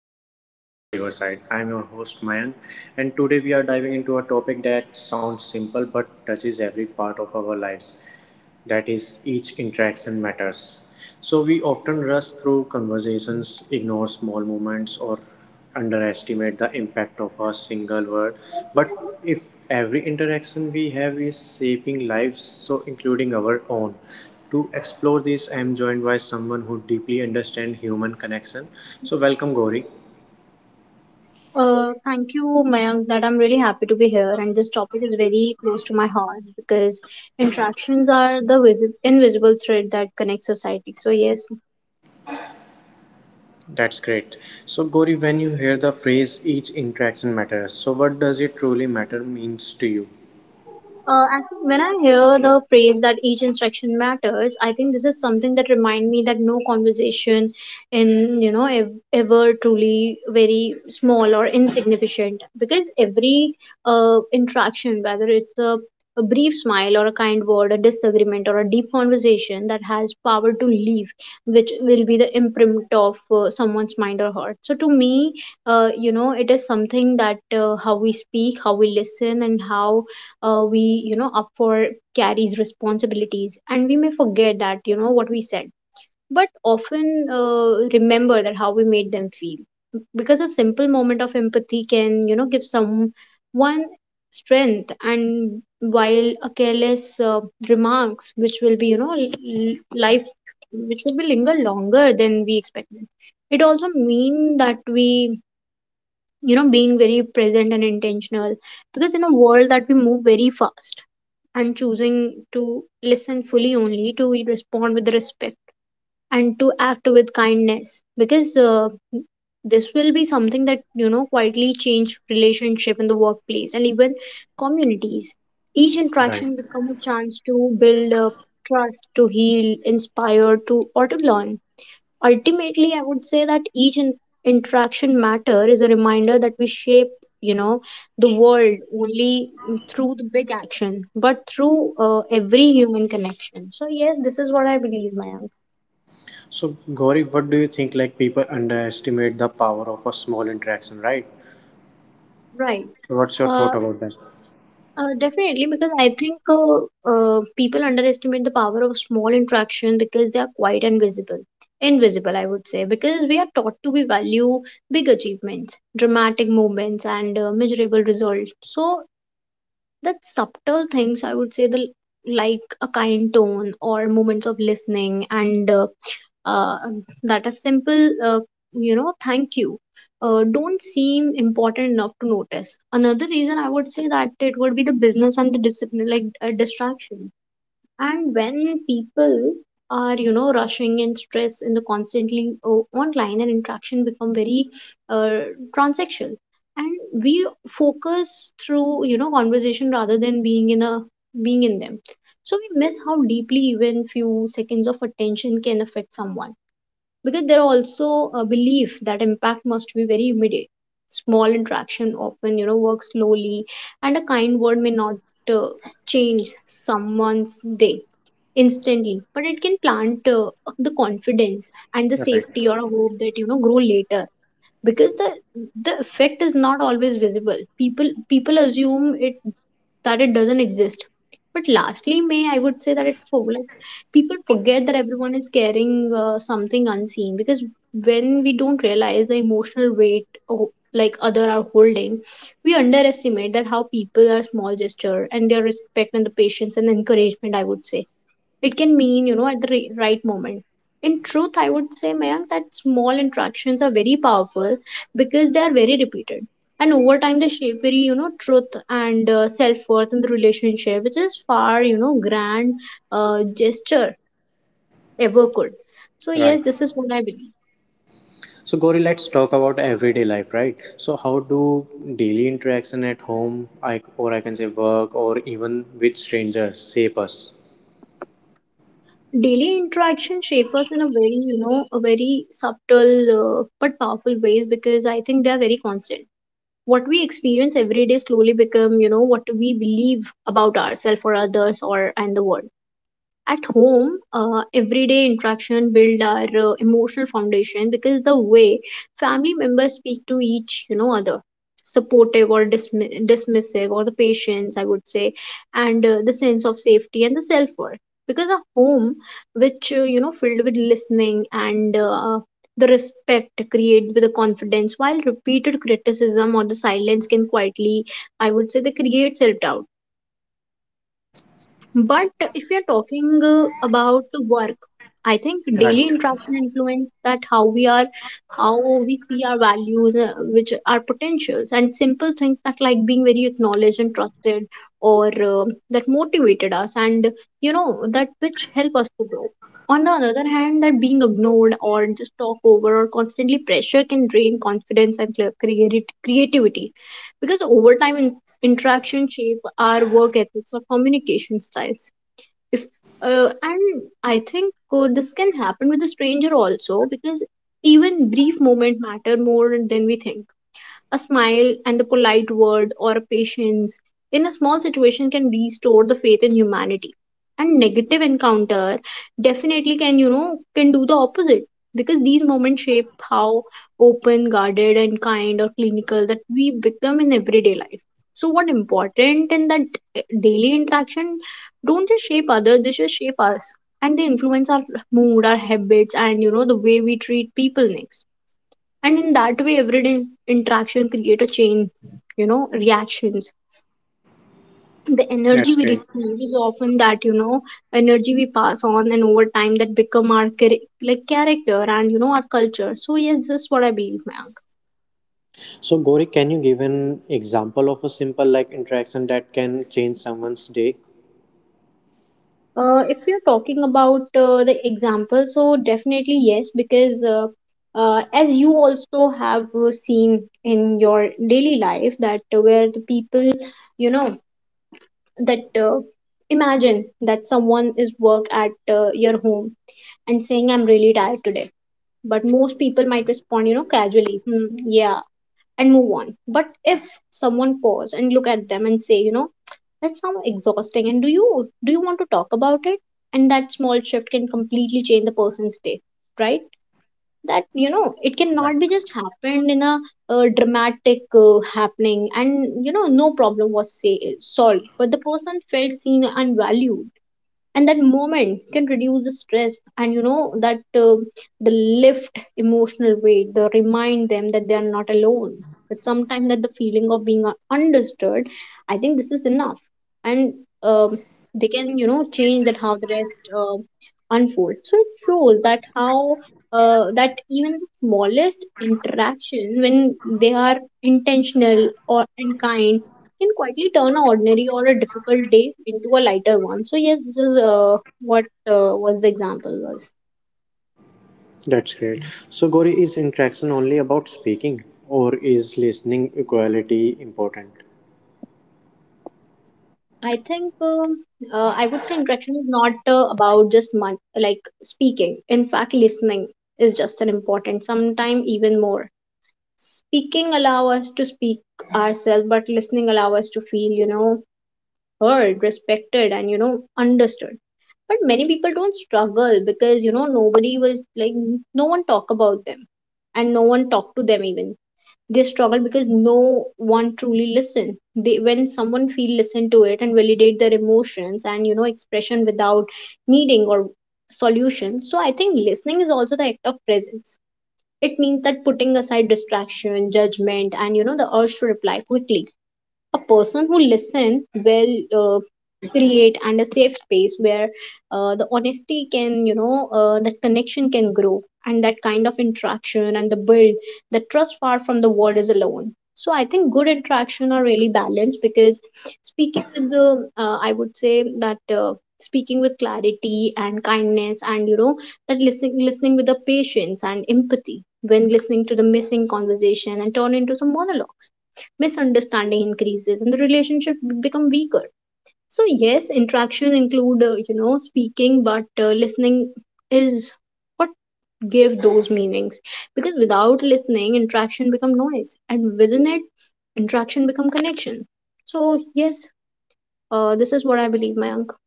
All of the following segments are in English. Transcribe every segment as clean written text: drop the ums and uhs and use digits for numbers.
to the podcast Riverside. I am your host Mayank, and today we are diving into a topic that sounds simple but touches every part of our lives. That is, each interaction matters. So we often rush through conversations, ignore small moments, or underestimate the impact of a single word. But if every interaction we have is shaping lives, so including our own. To explore this, I am joined by someone who deeply understands human connection. So welcome, Gori. Thank you, Mayank, that I'm really happy to be here. And this topic is very close to my heart because interactions are the invisible thread that connects society. So, yes, That's great. So, Gori, when you hear the phrase each interaction matters, so what does it truly matter means to you? Actually, when I hear the phrase that each instruction matters, I think this is something that remind me that no conversation in ever truly very small or insignificant because every interaction, whether it's a brief smile or a kind word, a disagreement or a deep conversation that has power to leave, which will be the imprint of someone's mind or heart. So to me, it is something that how we speak, how we listen, and how we up for carries responsibilities, and we may forget that what we said but often remember that how we made them feel, because a simple moment of empathy can give someone strength, and while a careless remarks which will be life which will be linger longer than we expected. It also mean that we being very present and intentional, because in a world that we move very fast, and choosing to listen fully only, to respond with respect, and to act with kindness. Because this will be something that quietly change relationship in the workplace and even communities. Each Right. interaction become a chance to build up trust, to heal, inspire, to or to learn. Ultimately, I would say that each interaction matter is a reminder that we shape you know the world only through the big action, but through every human connection. So yes, this is what I believe, Mayank. So, Gauri, what do you think? Like, people underestimate the power of a small interaction, right? Right. So, what's your uh, thought about that? Definitely, because I think people underestimate the power of small interaction because they are quite invisible. Invisible, I would say, because we are taught to be value big achievements, dramatic moments, and measurable results. So that subtle things, I would say, the like a kind tone or moments of listening, and uh, that a simple thank you don't seem important enough to notice. Another reason I would say that it would be the business and the discipline, like distraction. And when people are rushing and stress in the constantly online, and interaction become very uh, transactional, and we focus through conversation rather than being in a being in them. So we miss how deeply even few seconds of attention can affect someone, because there are also a belief that impact must be very immediate. Small interaction often works slowly, and a kind word may not uh, change someone's day instantly, but it can plant the confidence and the Right, safety or a hope that grow later. Because the effect is not always visible, people assume it that it doesn't exist. But lastly, may, I would say that it for like people forget that everyone is carrying something unseen, because when we don't realize the emotional weight like other are holding, we underestimate that how people are small gesture and their respect and the patience and the encouragement, I would say, it can mean at the right moment. In truth, I would say, Mayank, that small interactions are very powerful because they are very repeated, and over time they shape very truth and self-worth in the relationship, which is far grand gesture ever could. So yes, right. this is what I believe. So, Gauri, let's talk about everyday life, right? So, how do daily interaction at home, I, or I can say work, or even with strangers, shape us? Daily interaction shape us in a very a very subtle but powerful ways, because I think they are very constant. What we experience every day slowly become what we believe about ourselves or others or and the world. At home, everyday interaction build our emotional foundation, because the way family members speak to each other, supportive or dismissive or the patience, I would say, and the sense of safety and the self-worth. Because a home which filled with listening and the respect create with the confidence, while repeated criticism or the silence can quietly, I would say, they create self-doubt. But if we are talking about work, I think Right, daily interaction influence that how we are, how we see our values, which are potentials, and simple things that like being very acknowledged and trusted, or that motivated us, and that which help us to grow. On the other hand, that being ignored or just talk over or constantly pressure can drain confidence and create creativity, because over time interaction shape our work ethics or communication styles if and I think this can happen with a stranger also, because even brief moment matter more than we think. A smile and a polite word or a patience in a small situation can restore the faith in humanity. And negative encounter definitely can, you know, can do the opposite, because these moments shape how open, guarded, and kind or clinical that we become in everyday life. So, what important in that, daily interaction don't just shape others, they just shape us, and they influence our mood, our habits, and the way we treat people next. And in that way everyday interaction create a chain reactions. The energy that's we great. receive is often that energy we pass on, and over time that become our like character and our culture. So yes, this is what I believe, Mayank. So, Gauri, can you give an example of a simple like interaction that can change someone's day? If we are talking about the example, so definitely yes, because as you also have seen in your daily life that where the people you know that imagine that someone is work at your home, and saying I'm really tired today, but most people might respond, you know, casually, hmm, yeah, and move on. But if someone pause and look at them and say, you know, that sounds exhausting, and do you want to talk about it? And that small shift can completely change the person's day, right? That, you know, it cannot be just happened in dramatic happening, and you know, no problem was say, solved, but the person felt seen and valued, and that moment can reduce the stress, and you know that uh, the lift emotional weight, the remind them that they are not alone. But sometimes that the feeling of being understood, I think this is enough. And um, they can, you know, change that how the rest unfolds. So it shows that how that even the smallest interaction, when they are intentional or and kind, can quietly turn an ordinary or a difficult day into a lighter one. So yes, this is what was the example was. That's great. So, Gauri, is interaction only about speaking, or is listening equality important? I think I would say interaction is not about just like speaking. In fact, listening is just an important, sometime even more. Speaking allow us to speak ourselves, but listening allow us to feel, you know, heard, respected, and you know, understood. But many people don't struggle because, you know, nobody was like, no one talk about them and no one talk to them even. They struggle because no one truly listen. They when someone feel listen to it and validate their emotions and you know expression without needing or solution. So I think listening is also the act of presence. It means that putting aside distraction, judgment, and the urge to reply quickly a person who listen will uh, create and a safe space where the honesty can that connection can grow and that kind of interaction and the build the trust far from the world is alone. So I think good interaction are really balanced because speaking with the I would say that speaking with clarity and kindness and that listening with the patience and empathy when listening to the missing conversation and turn into some monologue misunderstanding increases and the relationship become weaker. So yes, interaction include speaking but listening is what give those meanings because without listening interaction become noise and within it interaction become connection. So yes, this is what I believe, Mayank.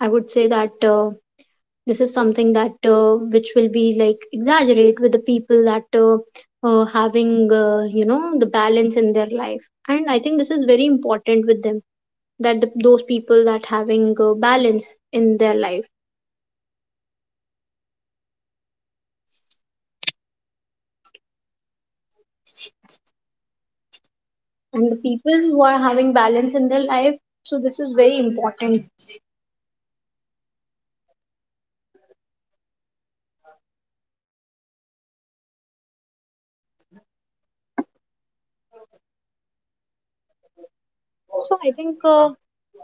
I would say that this is something that which will be like exaggerate with the people that having the balance in their life, and I think this is very important with them, that those people that having balance in their life and the people who are having balance in their life. So this is very important. So I think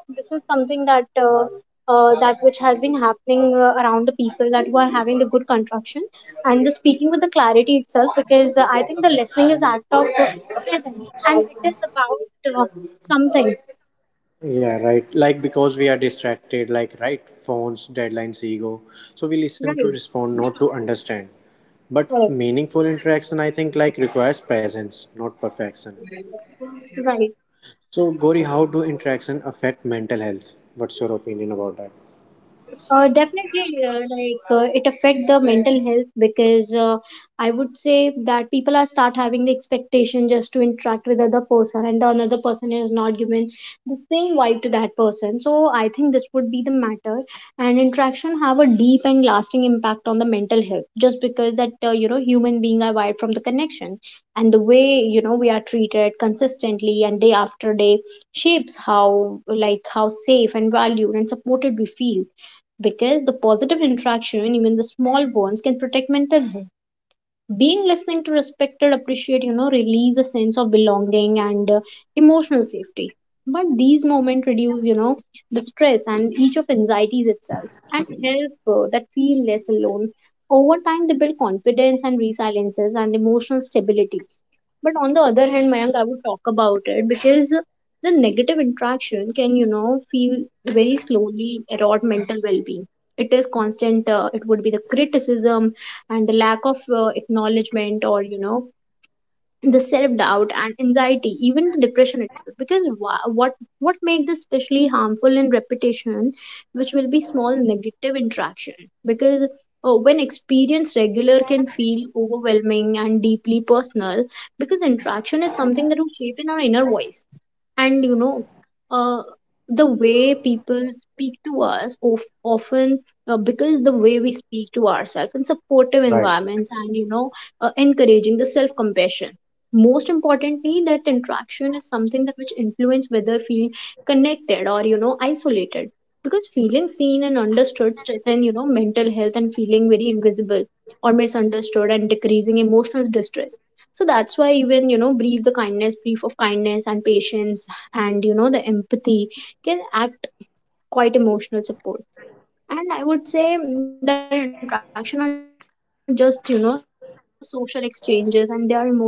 this is something that that which has been happening around the people that who are having the good construction and the speaking with the clarity itself because I think the listening is act of presence and it is about something. Yeah, right. Like because we are distracted, like right, phones, deadlines, ego. So we listen to Right. respond, not to understand. But Correct. meaningful interaction, I think, like requires presence, not perfection. Right. So, Gori, how do interaction affect mental health? What's your opinion about that? Definitely, like it affect the mental health because I would say that people are start having the expectation just to interact with other person, and the another person is not given the same vibe to that person. So I think this would be the matter, and interaction have a deep and lasting impact on the mental health, just because that human being are wired from the connection, and the way we are treated consistently and day after day shapes how like how safe and valued and supported we feel because the positive interaction, even the small ones, can protect mental health. Being listening to respected, appreciate, release a sense of belonging and emotional safety. But these moments reduce, the stress and each of anxieties itself and help that feel less alone. Over time, they build confidence and resiliences and emotional stability. But on the other hand, Mayank, I would talk about it because the negative interaction can, feel very slowly erode mental well-being. It is constant. It would be the criticism and the lack of acknowledgement, or the self-doubt and anxiety even the depression itself because what makes this especially harmful in repetition which will be small negative interaction because when experienced regular can feel overwhelming and deeply personal because interaction is something that will shape in our inner voice and uh, the way people speak to us of, often because the way we speak to ourselves in supportive Right. environments and encouraging the self compassion. Most importantly, that interaction is something that which influence whether feel connected or isolated because feeling seen and understood strengthen mental health and feeling very invisible or misunderstood and decreasing emotional distress. So that's why even brief the kindness brief of kindness and patience and the empathy can act quite emotional support. And I would say that interaction are just social exchanges and they are emotional experience itself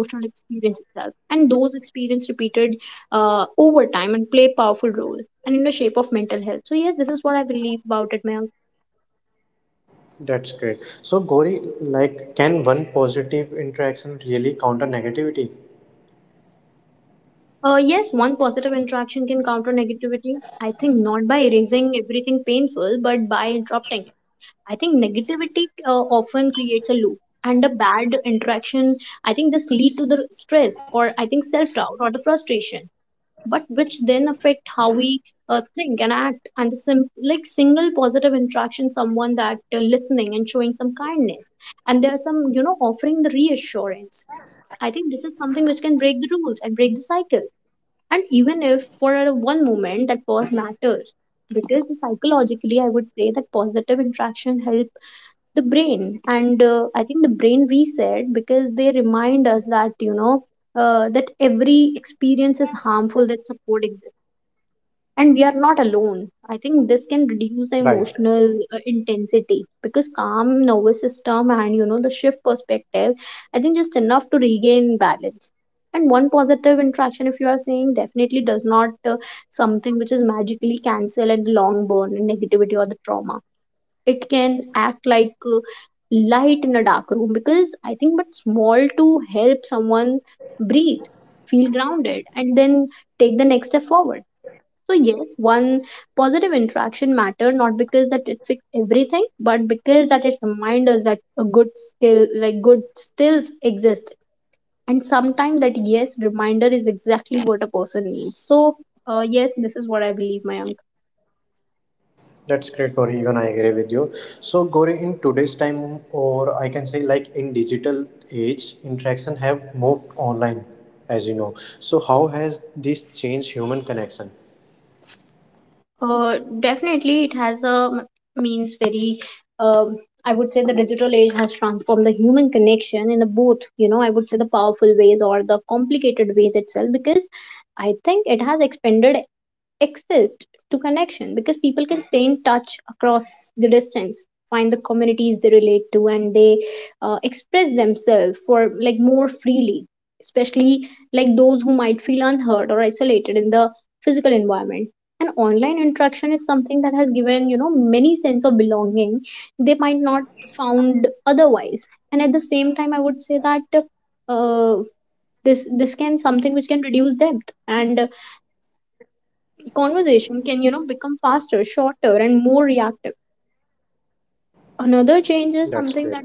and those experience repeated over time and play powerful role and in the shape of mental health. So yes, this is what I believe about it, ma'am. That's great. So, Gori, like, can one positive interaction really counter negativity? Yes, one positive interaction can counter negativity. I think not by erasing everything painful but by interrupting. I think negativity often creates a loop and a bad interaction. I think this lead to the or I think self doubt or the frustration, but which then affect how we think and act. And the like single positive interaction, someone that listening and showing some kindness, and there are some offering the reassurance. I think this is something which can break the rules and break the cycle and even if for a one moment that pause matters because psychologically I would say that positive interaction help the brain and I think the brain reset because they remind us that that every experience is harmful that support exists and we are not alone. I think this can reduce the Right. emotional intensity because calm nervous system and the shift perspective I think just enough to regain balance. And one positive interaction if you are saying definitely does not something which is magically cancel and long burn in negativity or the trauma. It can act like light in a dark room because I think but small to help someone breathe feel grounded and then take the next step forward. So yes, one positive interaction matter not because that it fixed everything, but because that it reminds us that a good skill, like good skills exist. And sometimes that yes reminder is exactly what a person needs. So yes, this is what I believe, Mayank. That's great, Gauri. Even I agree with you. So, Gauri, in today's time, or I can say, like in digital age, interaction have moved online, as you know. So, how has this changed human connection? Definitely, it has a means very. um That's great.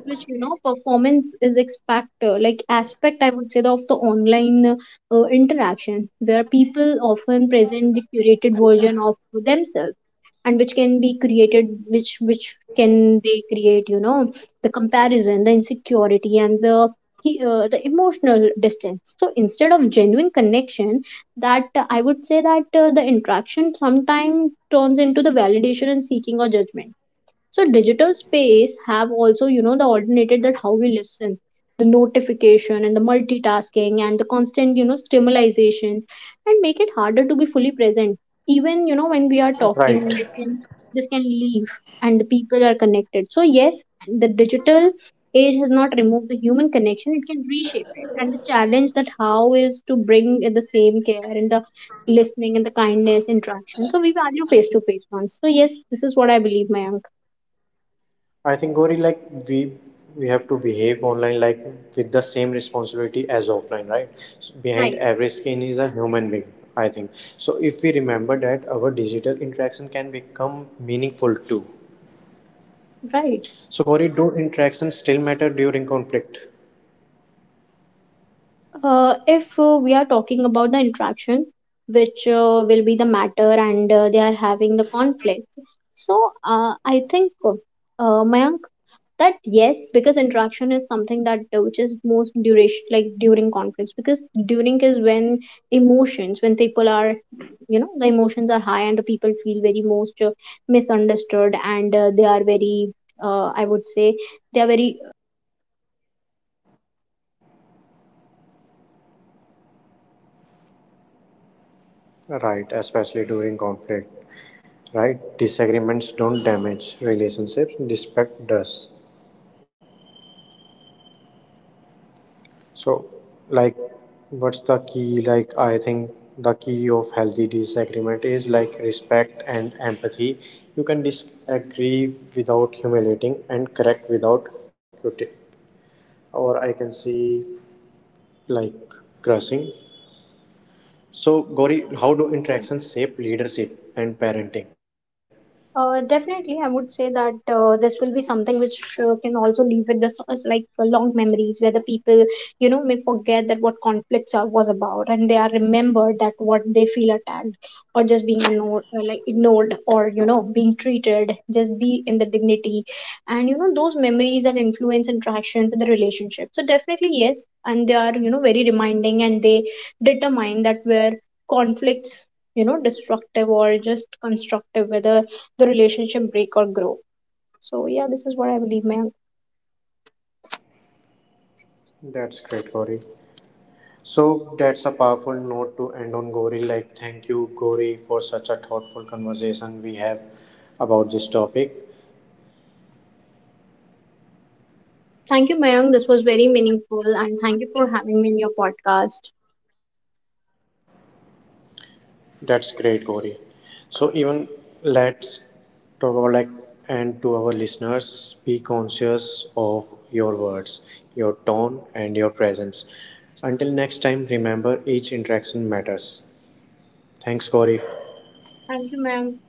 Right. I think Gauri, like we we have to behave online like with the same responsibility as offline, right? So behind every screen is a human being. I think so. If we remember that, our digital interaction can become meaningful too. So, Gauri, do interactions still matter during conflict? Right, especially during conflict. Right, disagreements don't damage relationships, respect does. So, like, what's the key? Like, I think the key of healthy disagreement is like respect and empathy. You can disagree without humiliating and correct without cutting, or I can see like crushing. So, Gauri, how do interactions shape leadership and parenting? Definitely, I would say that this will be something which can also leave with this as like long memories where the people, may forget that what conflicts are, was about, and they are remembered that what they feel attacked or just being ignored, like ignored or being treated, just be in the dignity, and those memories that influence interaction with the relationship. So definitely yes, and they are very reminding and they determine that where conflicts destructive or just constructive whether the relationship break or grow. So yeah, this is what I believe, Mayank. That's great, Gauri. So that's a powerful note to end on, Gauri. Like, thank you, Gauri, for such a thoughtful conversation we have about this topic. Thank you, Mayank. This was very meaningful, and thank you for having me in your podcast. That's great, Gauri. So even let's talk about like and to our listeners, be conscious of your words, your tone, and your presence. Until next time, remember each interaction matters. Thanks, Gauri, Thank you, Mayank.